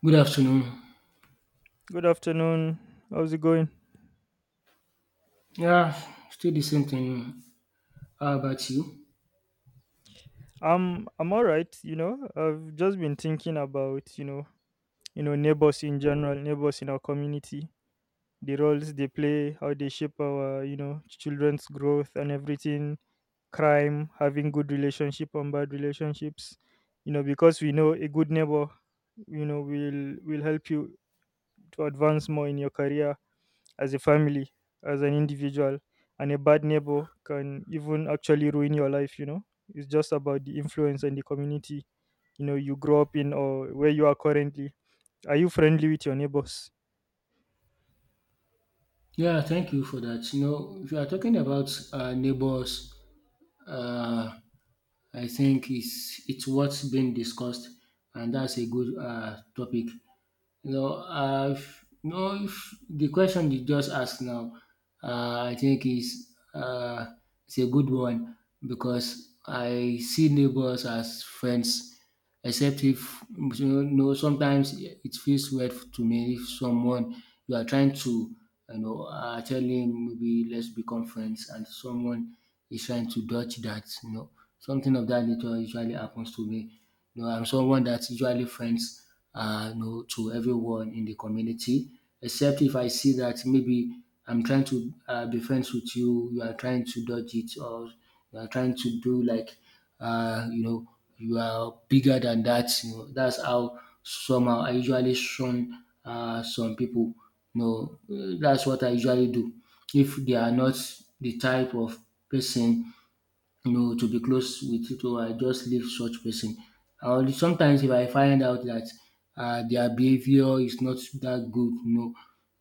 Good afternoon. Good afternoon. How's it going? Yeah, still the same thing. How about you? I'm all right, you know. I've just been thinking about, you know, neighbors in general, neighbors in our community, the roles they play, how they shape our, you know, children's growth and everything, crime, having good relationship and bad relationships. You know, because we know a good neighbor, you know, will help you to advance more in your career, as a family, as an individual. And a bad neighbor can even actually ruin your life, you know. It's just about the influence and the community, you know, you grow up in or where you are currently. Are you friendly with your neighbors? Yeah, thank you for that. You know, if you are talking about neighbors, uh, I think it's what's been discussed, and that's a good topic. You know, if, you know, if the question you just asked now, I think is it's a good one because I see neighbors as friends, except if you know sometimes it feels weird to me if someone you are trying to you know tell him maybe let's become friends and someone is trying to dodge that you know something of that nature usually happens to me. You know, I'm someone that's usually friends you know, to everyone in the community. Except if I see that maybe I'm trying to be friends with you, you are trying to dodge it, or you are trying to do like, you know, you are bigger than that. You know, that's how somehow I usually shun some people. No, that's what I usually do. If they are not the type of person no, to be close with it, or I just leave such person. Or sometimes if I find out that their behavior is not that good, you know,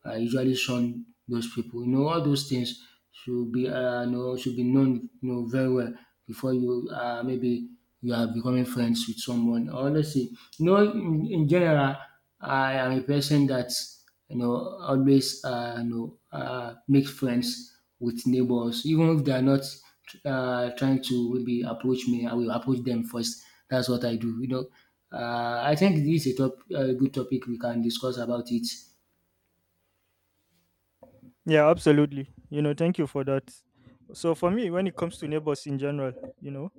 usually shun those people. You know, all those things should be you know, should be known you know, very well before you maybe you are becoming friends with someone. Honestly, you know, in general, I am a person that you know always you know makes friends with neighbors, even if they are not trying to maybe approach me. I will approach them first. That's what I do. You know, I think this is a good topic we can discuss about it. Yeah, absolutely. You know, thank you for that. So for me, when it comes to neighbors in general, you know,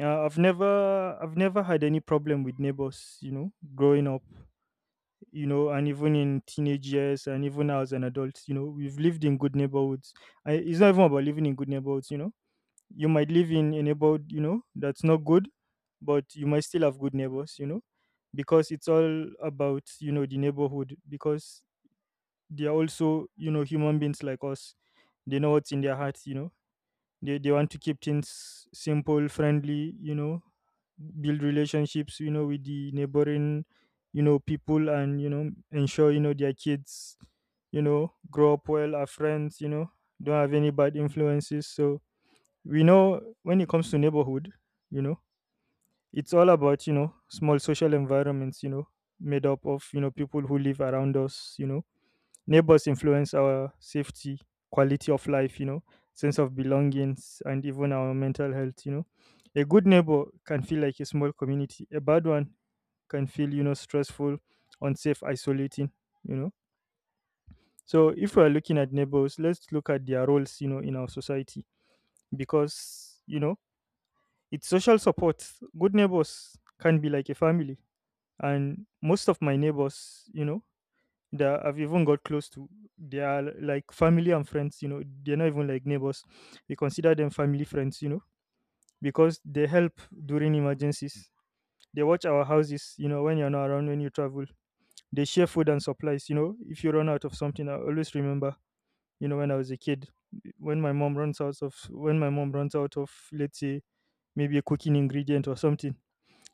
I've never had any problem with neighbors, you know, growing up. You know, and even in teenage years and even now as an adult, you know, we've lived in good neighborhoods. I, it's not even about living in good neighborhoods, you know. You might live in a neighborhood, you know, that's not good, but you might still have good neighbors, you know, because it's all about, you know, the neighborhood, because they are also, you know, human beings like us. They know what's in their hearts, you know, they want to keep things simple, friendly, you know, build relationships, you know, with the neighboring, you know, people, and you know, ensure, you know, their kids, you know, grow up well, are friends, you know, don't have any bad influences. So we know, when it comes to neighborhood, you know, it's all about, you know, small social environments, you know, made up of, you know, people who live around us, you know. Neighbors influence our safety, quality of life, you know, sense of belongings, and even our mental health, you know. A good neighbor can feel like a small community. A bad one can feel, you know, stressful, unsafe, isolating, you know. So if we are looking at neighbors, let's look at their roles, you know, in our society, because, you know, it's social support. Good neighbors can be like a family. And most of my neighbors, you know, that I've even got close to. They are like family and friends, you know, they're not even like neighbors. We consider them family friends, you know, because they help during emergencies. They watch our houses, you know, when you're not around, when you travel. They share food and supplies, you know. If you run out of something, I always remember, you know, when I was a kid, when my mom runs out of, when my mom runs out of, let's say, maybe a cooking ingredient or something,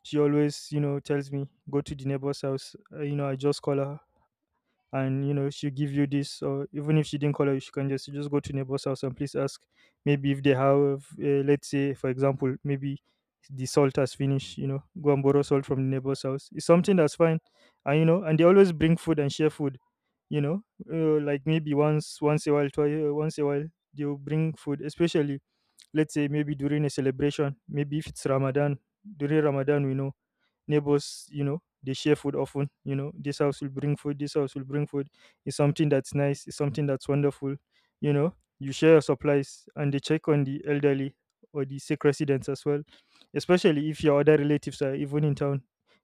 she always, you know, tells me, go to the neighbor's house. You know, I just call her, and you know, she'll give you this, or even if she didn't call you, she can just, you just go to neighbor's house and please ask, maybe if they have, let's say for example, maybe the salt has finished, you know, go and borrow salt from the neighbor's house. It's something that's fine. And you know, and they always bring food and share food, you know, like maybe once a while, twice, once a while, they'll bring food, especially let's say maybe during a celebration, maybe if it's Ramadan. During Ramadan, we know neighbors, you know, they share food often. You know, this house will bring food, this house will bring food. It's something that's nice, it's something that's wonderful. You know, you share your supplies, and they check on the elderly or the sick residents as well, especially if your other relatives are even in town.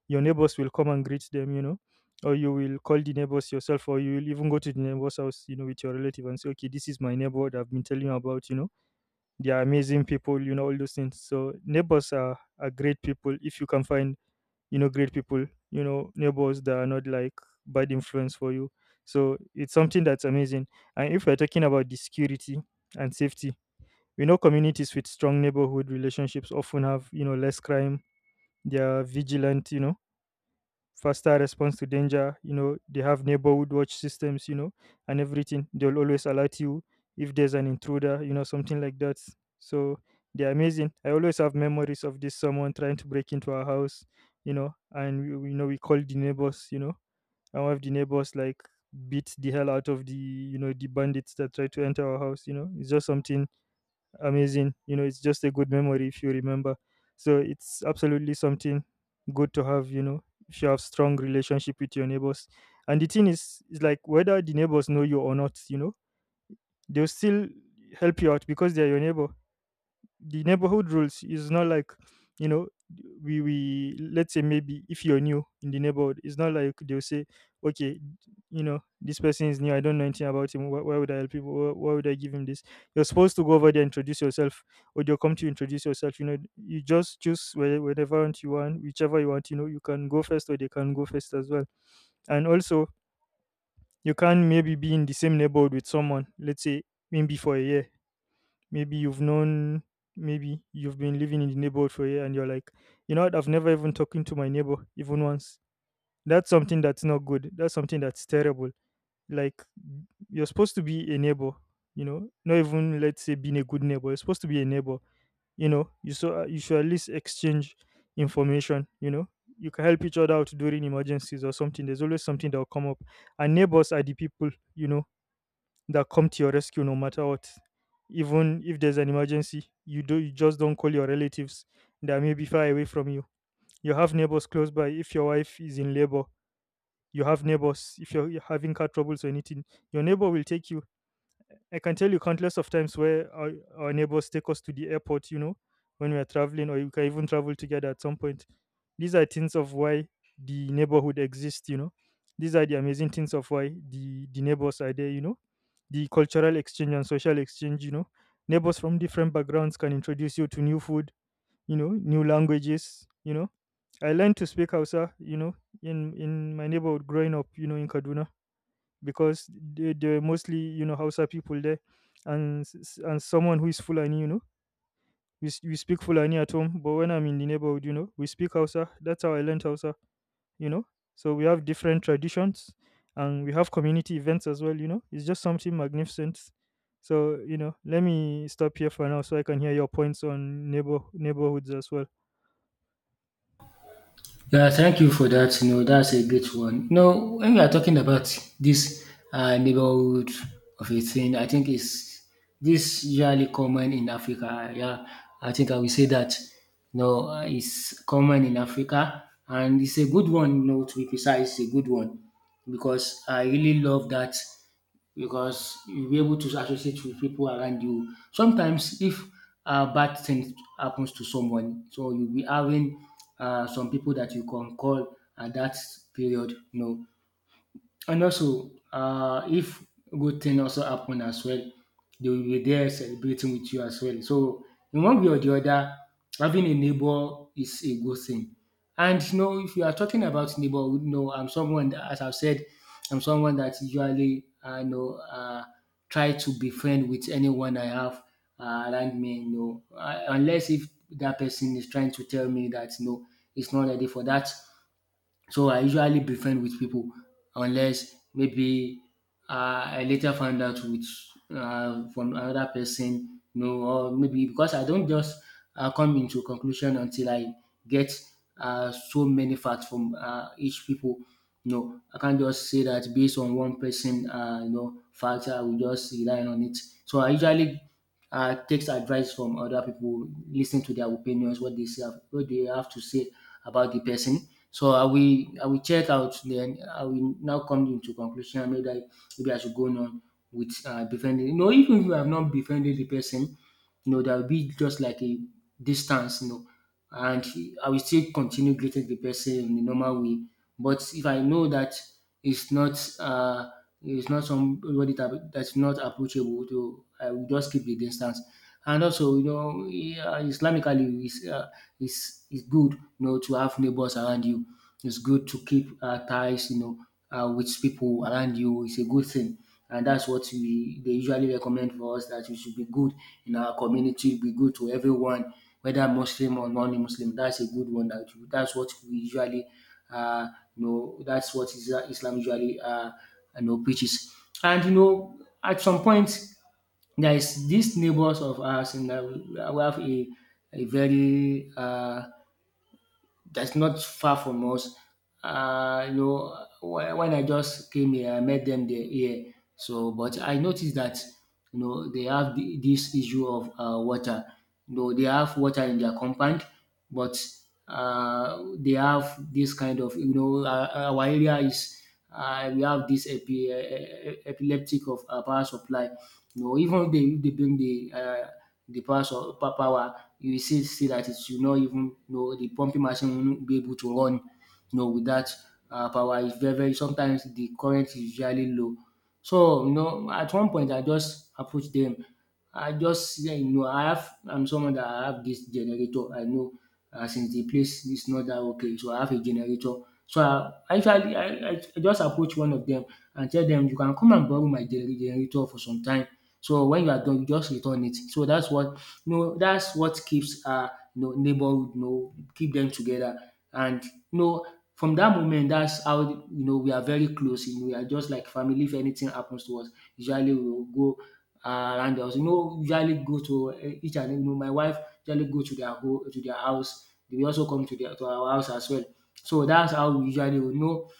Your neighbors will come and greet them, you know, or you will call the neighbors yourself, or you will even go to the neighbor's house, you know, with your relative and say, okay, this is my neighbor that I've been telling you about, you know, they are amazing people, you know, all those things. So neighbors are great people, if you can find, you know, great people, you know, neighbors that are not like bad influence for you. So it's something that's amazing. And if we're talking about the security and safety, we know communities with strong neighborhood relationships often have, you know, less crime. They are vigilant, you know, faster response to danger. You know, they have neighborhood watch systems, you know, and everything. They'll always alert you if there's an intruder, you know, something like that. So they're amazing. I always have memories of this, someone trying to break into our house, you know, and you know, we called the neighbors, you know, and one of the neighbors like beat the hell out of the, you know, the bandits that try to enter our house. You know, it's just something amazing. You know, it's just a good memory if you remember. So it's absolutely something good to have, you know, if you have strong relationship with your neighbors. And the thing is like whether the neighbors know you or not, you know, they'll still help you out because they're your neighbor. The neighborhood rules is not like, you know, we let's say maybe if you're new in the neighborhood, it's not like they'll say, okay, you know, this person is new, I don't know anything about him, why would I help him, why would I give him this. You're supposed to go over there, introduce yourself, or they'll come to you, introduce yourself. You know, you just choose whatever want you want, whichever you want, you know, you can go first or they can go first as well. And also, you can maybe be in the same neighborhood with someone, let's say maybe for a year. Maybe you've known, maybe you've been living in the neighborhood for a year and you're like, you know what, I've never even talking to my neighbor even once. That's something that's not good. That's something that's terrible. Like, you're supposed to be a neighbor, you know, not even let's say being a good neighbor. You're supposed to be a neighbor. You know, you so you should at least exchange information, you know. You can help each other out during emergencies or something. There's always something that will come up. And neighbors are the people, you know, that come to your rescue no matter what. Even if there's an emergency, you do you just don't call your relatives that may be far away from you. You have neighbors close by if your wife is in labor. You have neighbors if you're having car troubles or anything. Your neighbor will take you. I can tell you countless of times where our neighbors take us to the airport, you know, when we are traveling, or we can even travel together at some point. These are things of why the neighborhood exists, you know. These are the amazing things of why the neighbors are there, you know. The cultural exchange and social exchange, you know. Neighbors from different backgrounds can introduce you to new food, you know, new languages, you know. I learned to speak Hausa, you know, in my neighborhood growing up, you know, in Kaduna, because they're mostly, you know, Hausa people there, and and someone who is Fulani, you know, we speak Fulani at home, but when I'm in the neighborhood, you know, we speak Hausa. That's how I learned Hausa, you know. So we have different traditions, and we have community events as well. You know, it's just something magnificent. So you know, let me stop here for now, so I can hear your points on neighborhoods as well. Yeah, thank you for that. You know, that's a great one. You know, when we are talking about this neighborhood of a thing, I think it's this usually common in Africa. Yeah, I think I will say that. You know, it's common in Africa, and it's a good one. You know, to be precise, it's a good one because I really love that because you'll be able to associate with people around you. Sometimes, if a bad thing happens to someone, so you'll be having some people that you can call at that period. No, and also, if good thing also happen as well, they will be there celebrating with you as well. So in one way or the other, having a neighbor is a good thing. And you know, if you are talking about neighborhood, you know, I'm someone that, as I've said, I'm someone that usually I know try to be friend with anyone I have around me. You know, unless if that person is trying to tell me that no, it's not ready for that. So I usually be friend with people unless maybe I later found out with from another person, you know, or maybe because I don't just come into conclusion until I get so many facts from each people. You know, I can't just say that based on one person, you know, fact I will just rely on it. So I usually takes advice from other people, listen to their opinions, what they say, what they have to say about the person. So I will check out then I will now come into conclusion. Maybe I should go on with befriending. You know, even if I have not befriended the person, you know, there will be just like a distance, you know, and I will still continue greeting the person in the normal way. But if I know that it's not uh it's not somebody that's not approachable to, I will just keep the distance, and also, you know, yeah, Islamically, it's good, you know, to have neighbors around you. It's good to keep ties, you know, with people around you. It's a good thing. And that's what we, they usually recommend for us that we should be good in our community, be good to everyone, whether Muslim or non-Muslim. That's a good one. That's what we usually, uh, you know, that's what Islam usually, you know, preaches. And, you know, at some point, there is these neighbors of ours and that we have a very that's not far from us. You know, when I just came here, I met them there here. So, but I noticed that you know they have the, this issue of water. You know, they have water in their compound, but they have this kind of you know our area is we have this epileptic of power supply no, even if they bring the power so power, you will still see that it will not even you know the pumping machine will not be able to run. You know, with that power, it's very sometimes the current is usually low. So you know, at one point I just approach them. I just yeah, you know I'm someone that I have this generator. I know since the place is not that okay, so I have a generator. So I usually I just approach one of them and tell them you can come and borrow my generator for some time. So when you are done, you just return it. So that's what you know, that's what keeps our you know, neighborhood, you know, keep them together. And you know, from that moment, that's how you know we are very close. You know, we are just like family. If anything happens to us, usually we will go around us. You know, usually go to each and you know, my wife usually go to to their house. They will also come to their to our house as well. So that's how we usually will know.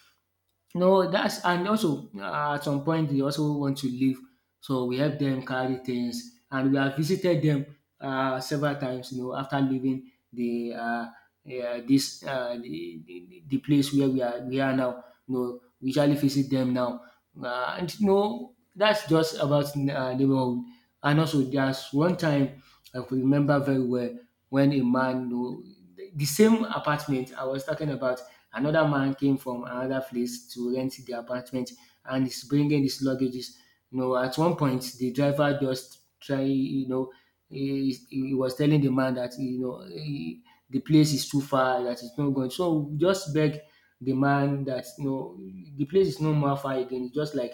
No, that's and also at some point they also want to leave, so we help them carry things, and we have visited them several times. You know, after leaving the this the place where we are now. You know, we usually visit them now, and you know that's just about neighborhood. And also, there's one time I could remember very well when a man, you know, the same apartment I was talking about. Another man came from another place to rent the apartment and is bringing his luggages. You know, at one point, the driver just try, you know, he was telling the man that, you know, he, the place is too far, that it's not going. So we just beg the man that, you know, the place is no more far again. It's just like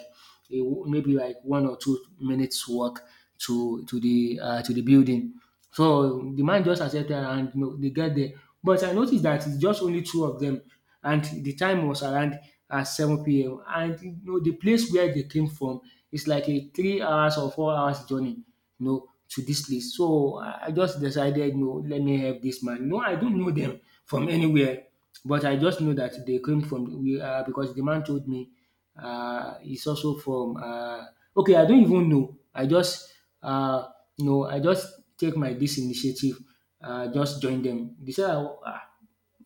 a, maybe like 1 or 2 minutes walk to the building. So the man just accepted and you know they get there. But I noticed that it's just only two of them and the time was around 7 p.m. and you know the place where they came from is like a 3 hours or 4 hours journey you know to this place. So I just decided you know let me help this man. No, I don't know them from anywhere but I just know that they came from we because the man told me he's also from okay I don't even know I just uh, no, I just take my this initiative, just join them. They said, ah,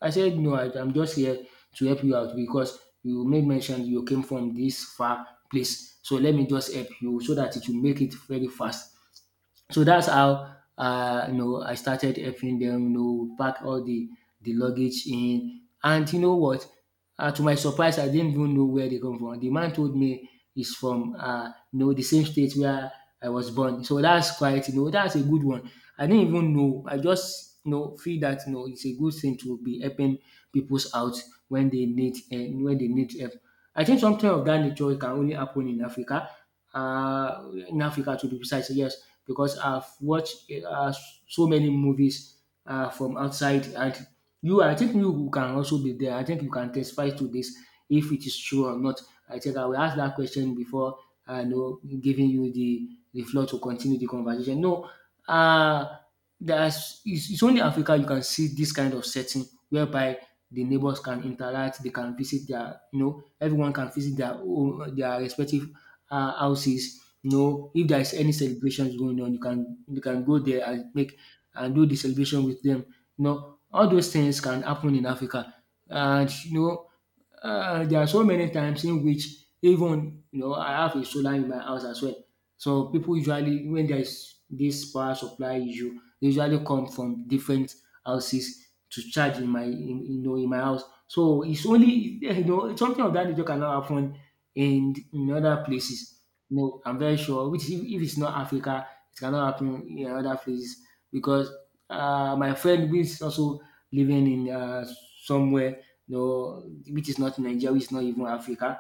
I said, no, I'm just here to help you out because you made mention you came from this far place. So let me just help you so that it will make it very fast. So that's how you know I started helping them. You know, pack all the luggage in, and you know what? To my surprise, I didn't even know where they come from. The man told me he's from you know the same state where I was born. So that's quite you know that's a good one. I didn't even know. I just you know feel that you know it's a good thing to be helping people's out when they need help. I think something of that nature can only happen in Africa to be precise, yes, because I've watched so many movies from outside, and you, I think you can also be there. I think you can testify to this if it is true or not. I think I will ask that question before I know giving you the floor to continue the conversation. No, uh, it's only Africa you can see this kind of setting whereby the neighbors can interact, they can visit their, you know, everyone can visit their own, their respective houses. You know, if there is any celebrations going on, you can go there and make and do the celebration with them. You know, all those things can happen in Africa, and you know, there are so many times in which even you know I have a solar in my house as well. So people usually, when there is this power supply issue, they usually come from different houses to charge you know, in my house. So it's only, yeah, you know, something of that nature cannot happen in other places. No, I'm very sure. Which if it's not Africa, it cannot happen in other places because my friend who is also living in somewhere, you know, which is not Nigeria, which is not even Africa,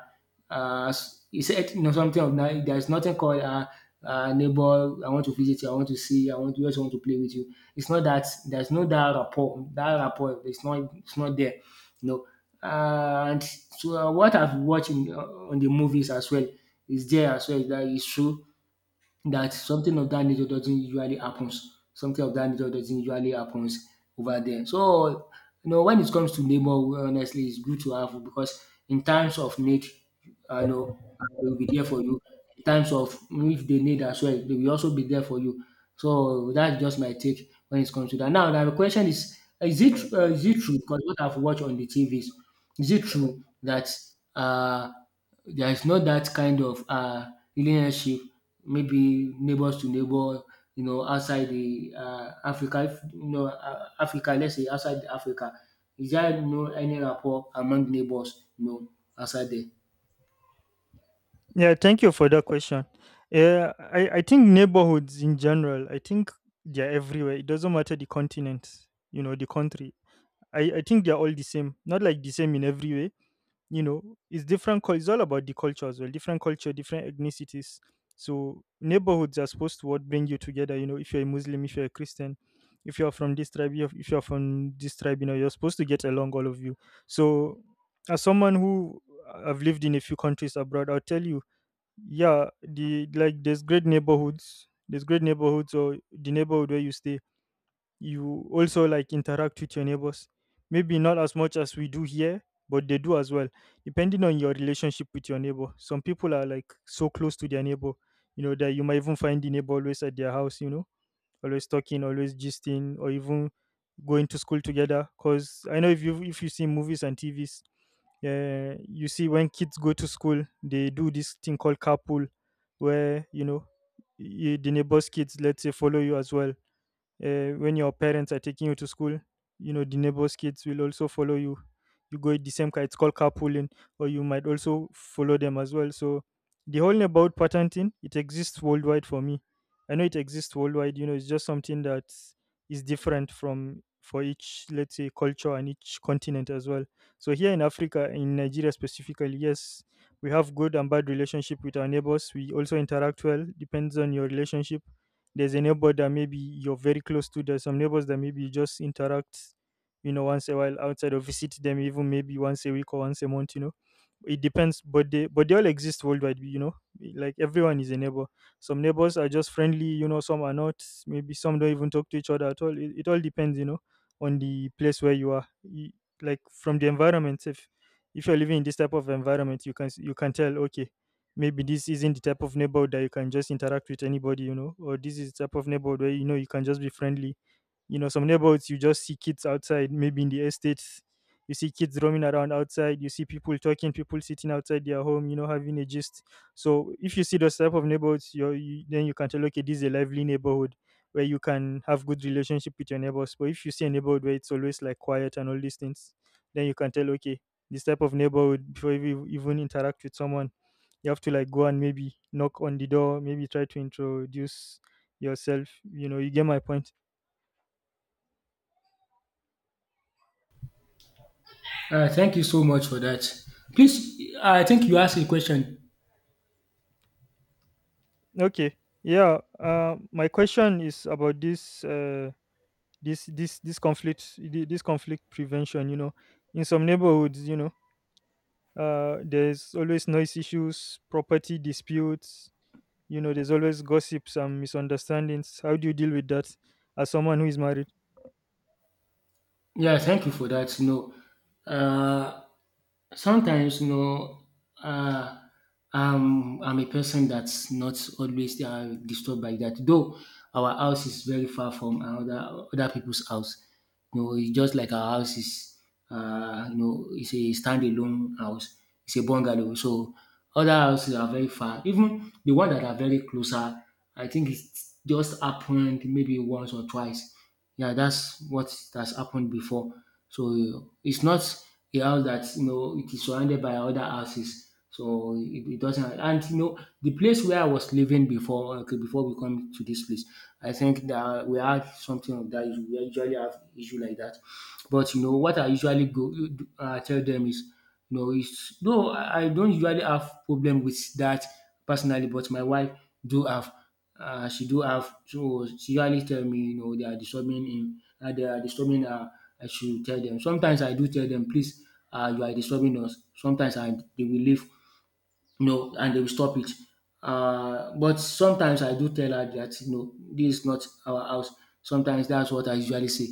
uh, he said you know something of that. There's nothing called neighbor. I want to visit you. I want to see you, I want to, just want to play with you. It's not that. There's no that rapport. That rapport. It's not. It's not there. You know. And so what I've watched in, on the movies as well is there as well. That is true that something of that nature doesn't usually happens. Something of that nature doesn't usually happens over there. So you know when it comes to neighbor, honestly, it's good to have because in times of need, I know they will be there for you. In times of if they need as well, they will also be there for you. So that's just my take when it comes to that. Now the question is: is it is it true? Because what I've watched on the TVs is it true that um there is not that kind of relationship maybe neighbours to neighbour you know outside the Africa if, you know Africa, let's say outside Africa. Is there you know any rapport among neighbours you know outside there? Yeah, thank you for that question. Yeah, I think neighborhoods in general, I think they're everywhere. It doesn't matter the continent, you know, the country. I think they're all the same. Not like the same in every way, you know. It's different. It's all about the culture as well. Different culture, different ethnicities. So neighborhoods are supposed to what bring you together. You know, if you're a Muslim, if you're a Christian, if you're from this tribe, you if you're from this tribe, you know, you're supposed to get along, all of you. So, as someone who I've lived in a few countries abroad, I'll tell you, yeah, the like there's great neighborhoods, there's great neighborhoods or the neighborhood where you stay, you also like interact with your neighbors, maybe not as much as we do here, but they do as well. Depending on your relationship with your neighbor, some people are like so close to their neighbor, you know, that you might even find the neighbor always at their house, you know, always talking, always gisting, or even going to school together. Because I know if you see movies and TVs, you see when kids go to school, they do this thing called carpool, where, you know, the neighbors kids, let's say, follow you as well. When your parents are taking you to school, you know, the neighbors' kids will also follow you. You go in the same car. It's called carpooling, or you might also follow them as well. So the whole about patenting, it exists worldwide for me. I know it exists worldwide, you know. It's just something that is different from, for each, let's say, culture and each continent as well. So here in Africa, in Nigeria specifically, yes, we have good and bad relationship with our neighbors. We also interact well, depends on your relationship. There's a neighbor that maybe you're very close to, there's some neighbors that maybe you just interact, you know, once a while outside, or visit them, even maybe once a week or once a month, you know. It depends. But they all exist worldwide, you know. Like everyone is a neighbor. Some neighbors are just friendly, you know, some are not. Maybe some don't even talk to each other at all. It all depends, you know, on the place where you are. Like from the environment, if you're living in this type of environment, you can you can tell, okay, maybe this isn't the type of neighborhood that you can just interact with anybody, you know, or this is the type of neighborhood where, you know, you can just be friendly. You know, some neighborhoods you just see kids outside, maybe in the estates, you see kids roaming around outside, you see people talking, people sitting outside their home, you know, having a gist. So if you see those type of neighborhoods, you then, you can tell, okay, this is a lively neighborhood where you can have good relationship with your neighbors. But if you see a neighborhood where it's always like quiet and all these things, then you can tell, okay, this type of neighborhood, before you even interact with someone, you have to like go and maybe knock on the door, maybe try to introduce yourself, you know, you get my point. Thank you so much for that. Please, I think you asked a question. Okay. Yeah, my question is about this conflict, this conflict prevention, you know. In some neighborhoods, you know, there's always noise issues, property disputes, you know, there's always gossips and misunderstandings. How do you deal with that as someone who is married? Yeah, thank you for that. You know, uh, sometimes you know, uh, I'm a person that's not always disturbed by that. Though our house is very far from other people's house. You know, it's just like our house is, you know, it's a standalone house. It's a bungalow. So other houses are very far. Even the one that are very closer, I think it's just happened maybe once or twice. Yeah, that's what has happened before. So it's not a house that you know it is surrounded by other houses. So it doesn't. And you know the place where I was living before, okay, before we come to this place, I think that we had something of that. We usually have issue like that. But you know what I usually go tell them is you know is though I don't usually have problem with that personally, but my wife do have, she do have, so she usually tell me you know they are disturbing him, they are disturbing her, I should tell them. Sometimes I do tell them, please, you are disturbing us sometimes, and they will leave, you know, and they will stop it. But sometimes I do tell her that you know this is not our house. Sometimes that's what I usually say.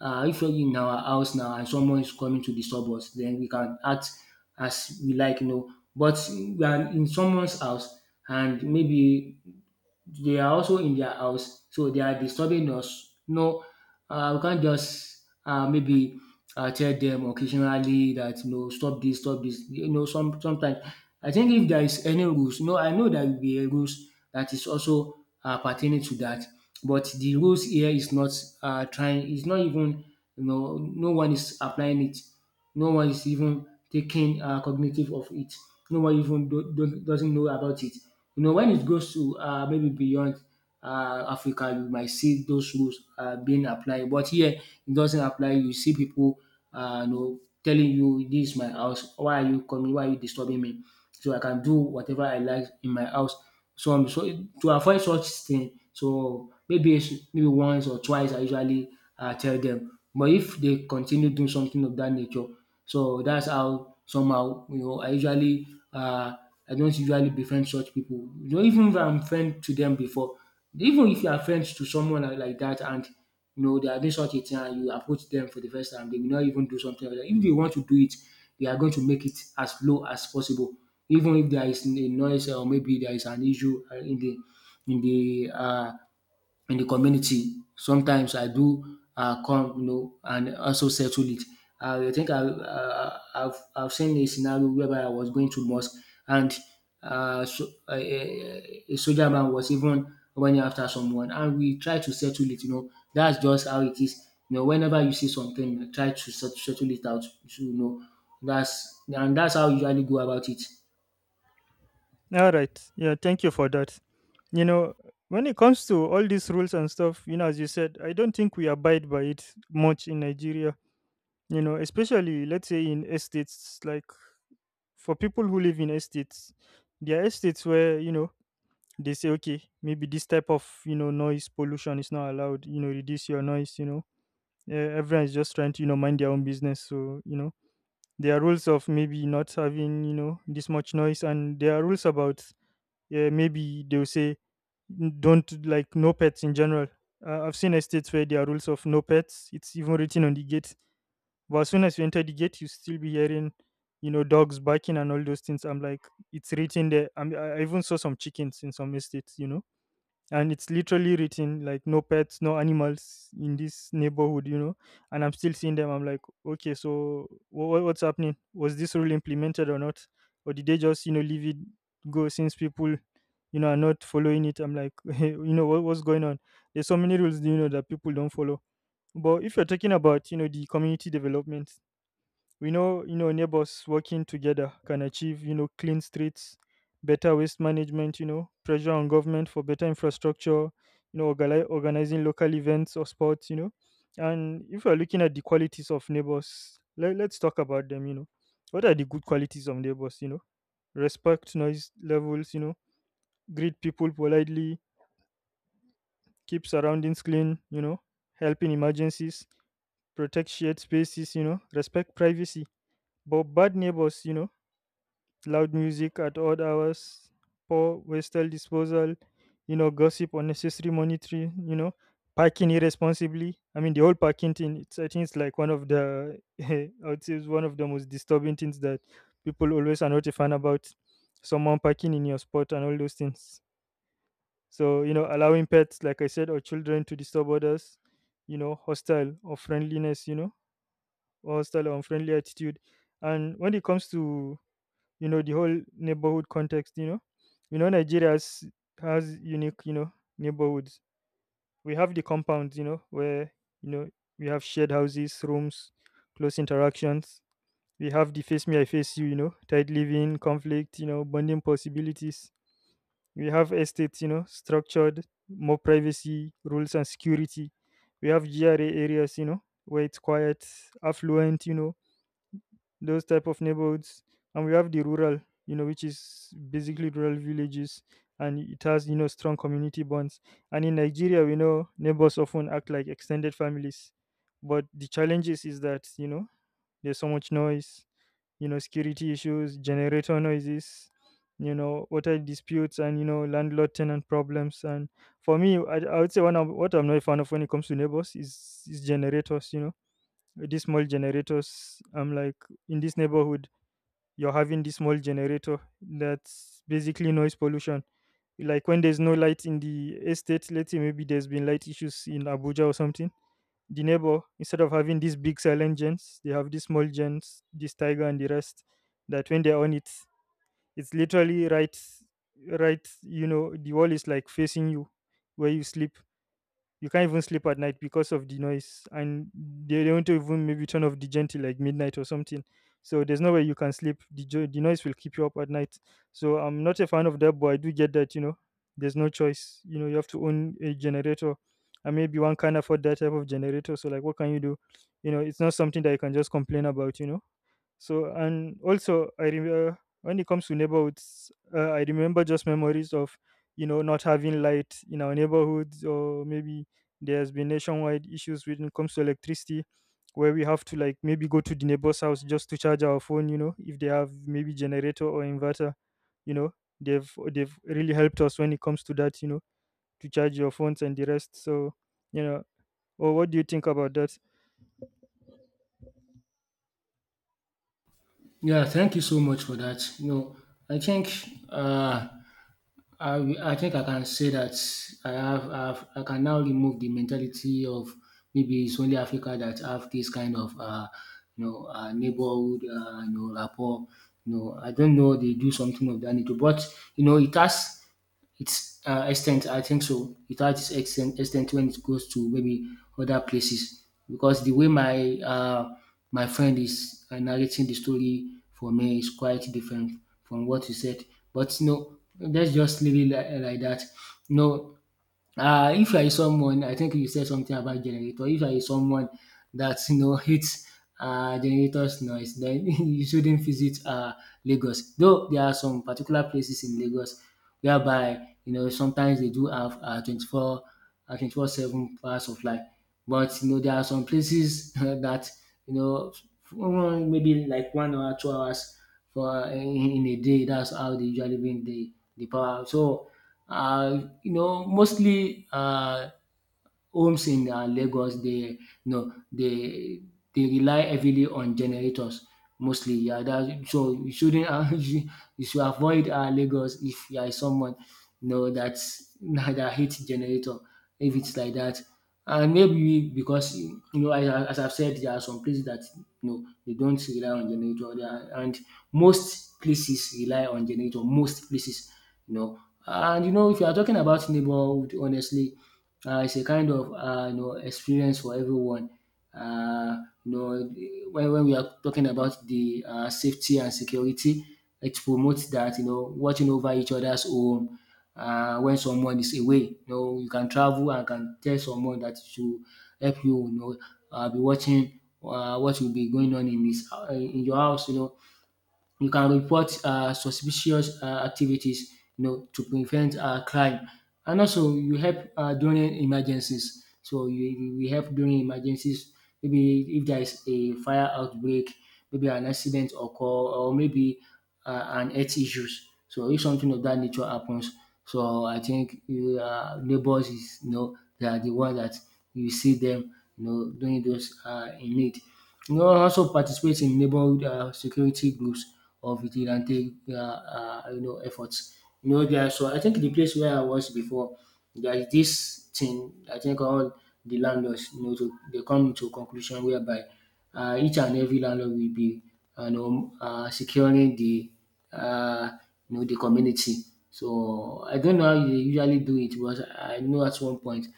If you're in our house now and someone is coming to disturb us, then we can act as we like, you know. But we are in someone's house and maybe they are also in their house, so they are disturbing us. No, we can't just maybe tell them occasionally that no, stop this, stop this. You know, sometimes I think if there is any rules, no, I know there will be a rules that is also pertaining to that, but the rules here is not it's not even, you know, no one is applying it. No one is even taking cognitive of it. No one even doesn't know about it. You know, when it goes to maybe beyond Africa, you might see those rules being applied. But here, it doesn't apply. You see people, you know, telling you, "This is my house. Why are you coming? Why are you disturbing me?" So I can do whatever I like in my house. So to avoid such thing, so maybe maybe once or twice I usually tell them. But if they continue doing something of that nature, so that's how somehow you know I usually uh I don't usually befriend such people. You know even if I'm friend to them before, even if you are friends to someone like dat and you know they are doing such a thing and you approach them for the first time, they will not even do something like dat. If they want to do it, they are going to make it as low as possible, even if there is a noise or maybe there is an issue in the uh, in the community. Sometimes I do come, you know, and also settle it. I think I've seen a scenario whereby I was going to mosque and a soldier man was even running after someone, and we try to settle it. You know, that's just how it is. You know, whenever you see something, try to settle it out. You know, that's and that's how you usually go about it. All right. Yeah, thank you for that. You know, when it comes to all these rules and stuff, you know, as you said, I don't think we abide by it much in Nigeria. You know, especially let's say in estates, like, for people who live in estates, there are estates where, you know, they say, okay, maybe this type of, you know, noise pollution is not allowed, you know, reduce your noise, you know. Everyone is just trying to, you know, mind their own business. So, you know, there are rules of maybe not having, you know, this much noise, and there are rules about, yeah, maybe they'll say, don't, like, no pets in general. I've seen estates where there are rules of no pets. It's even written on the gate. But as soon as you enter the gate, you still be hearing, you know, dogs barking and all those things. I'm like, it's written there. I even saw some chickens in some estates, you know, and it's literally written like no pets, no animals in this neighborhood, you know. And I'm still seeing them. I'm like, okay, so what's happening? Was this rule implemented or not? Or did they just, you know, leave it go? Since people, you know, are not following it, I'm like you know, what's going on? There's so many rules, you know, that people don't follow. But if you're talking about, you know, the community development, we know, you know, neighbors working together can achieve, you know, clean streets, better waste management, you know, pressure on government for better infrastructure, you know, organizing local events or sports, you know. And if we're looking at the qualities of neighbors, let's talk about them, you know. What are the good qualities of neighbors, you know? Respect noise levels, you know, greet people politely, keep surroundings clean, you know, help in emergencies, protect shared spaces, you know, respect privacy. But bad neighbors, you know, loud music at odd hours, poor wastel disposal, you know, gossip, unnecessary monitoring, you know, parking irresponsibly. I mean, the whole parking thing, it's, I think it's like one of the, I would say it's one of the most disturbing things that people always are not a fan about. Someone parking in your spot and all those things. So, you know, allowing pets, like I said, or children to disturb others, you know, hostile or friendliness, you know, or hostile or unfriendly attitude. And when it comes to, you know, the whole neighborhood context, you know, you know, Nigeria has unique, you know, neighborhoods. We have the compounds, you know, where, you know, we have shared houses, rooms, close interactions. We have the face me I face you, you know, tight living, conflict, you know, bonding possibilities. We have estates, you know, structured, more privacy, rules, and security. We have gra areas, you know, where it's quiet, affluent, you know, those type of neighborhoods. And we have the rural, you know, which is basically rural villages, and it has, you know, strong community bonds. And in Nigeria, we know neighbors often act like extended families. But the challenges is that, you know, there's so much noise, you know, security issues, generator noises, you know, water disputes, and, you know, landlord tenant problems. And for me, I would say one of what I'm not a fan of when it comes to neighbors is generators, you know, these small generators. I'm like, in this neighborhood, you're having this small generator, that's basically noise pollution. Like when there's no light in the estate, let's say maybe there's been light issues in Abuja or something, the neighbor, instead of having these big silent gens, they have these small gens, this tiger and the rest, that when they're on it, it's literally right, you know, the wall is like facing you where you sleep. You can't even sleep at night because of the noise, and they don't even maybe turn off the gentle like midnight or something. So there's no way you can sleep. The noise will keep you up at night. So I'm not a fan of that, but I do get that, you know, there's no choice. You know, you have to own a generator, and maybe one can't afford that type of generator. So like what can you do? You know, it's not something that you can just complain about, you know. So, and also, I remember when it comes to neighborhoods, I remember just memories of, you know, not having light in our neighborhoods, or maybe there's been nationwide issues when it comes to electricity, where we have to like maybe go to the neighbor's house just to charge our phone, you know, if they have maybe generator or inverter, you know. They've really helped us when it comes to that, you know, to charge your phones and the rest. So, you know, or what do you think about that? Yeah, thank you so much for that. You know, I think uh, I think I can say that I can now remove the mentality of maybe it's only Africa that have this kind of you know neighborhood you know rapport. You know, I don't know they do something of that nature, but you know it has it's extent, I think so. It has its extent when it goes to maybe other places because the way my my friend is narrating the story for me is quite different from what you said. But no, let's just leave it like that. No, if you are someone, I think you said something about generator. If you are someone that you know hates generators noise, then you shouldn't visit Lagos. Though there are some particular places in Lagos whereby you know sometimes they do have 24/7 hours of light, but you know there are some places that you know maybe like 1 or 2 hours for in a day. That's how they usually bring the power. So you know, mostly homes in Lagos they no, they rely heavily on generators mostly, yeah. that So you shouldn't you should avoid Lagos if you are someone you know dat dat hates generator, if it's like that. And maybe because you know as I've said there are some places that you know dey don't rely on generator. There are, and most places rely on generator, most places, you know. And you know if you are talking about neighborhood, honestly, it's a kind of you know experience for everyone. Uh, you know, when we are talking about the safety and security, it promotes that you know watching over each other's home. When someone is away, you know you can travel and can tell someone that to help you. You know, be watching what will be going on in this in your house. You know, you can report suspicious activities you know to prevent crime, and also you help during emergencies. So you help during emergencies maybe if there is a fire outbreak, maybe an accident occur, or maybe an health issues. So if something of that nature happens, so I think neighbors is you know they are the one that you see them you know doing those in need. You know also participate in neighborhood security groups or vigilante you know efforts. So I think the place where I was before there is this thing I think all the landlords you know to they come to a conclusion whereby each and every landlord will be securing the uh, you know the community. So I don't know how they usually do it, but I know at one point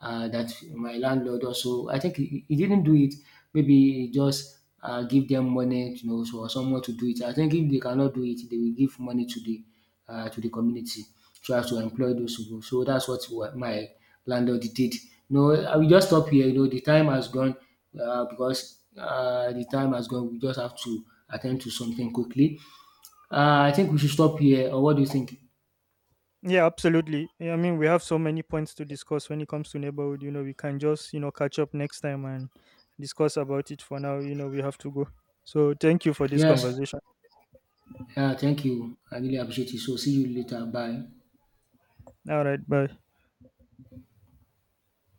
that my landlord also I think he didn't do it. Maybe he just give them money, you know, so someone to do it. I think if they cannot do it, they will give money to the community so as to employ those people. So that's what my landlord did. No, I will just stop here. You know, the time has gone because the time has gone. We just have to attend to something quickly. I think we should stop here. Or what do you think? Yeah, absolutely. Yeah, I mean, we have so many points to discuss when it comes to neighborhood. You know, we can just, you know, catch up next time and discuss about it. For now, you know, we have to go. So thank you for this Yes. conversation. Yeah, thank you. I really appreciate it. So see you later. Bye. All right, bye.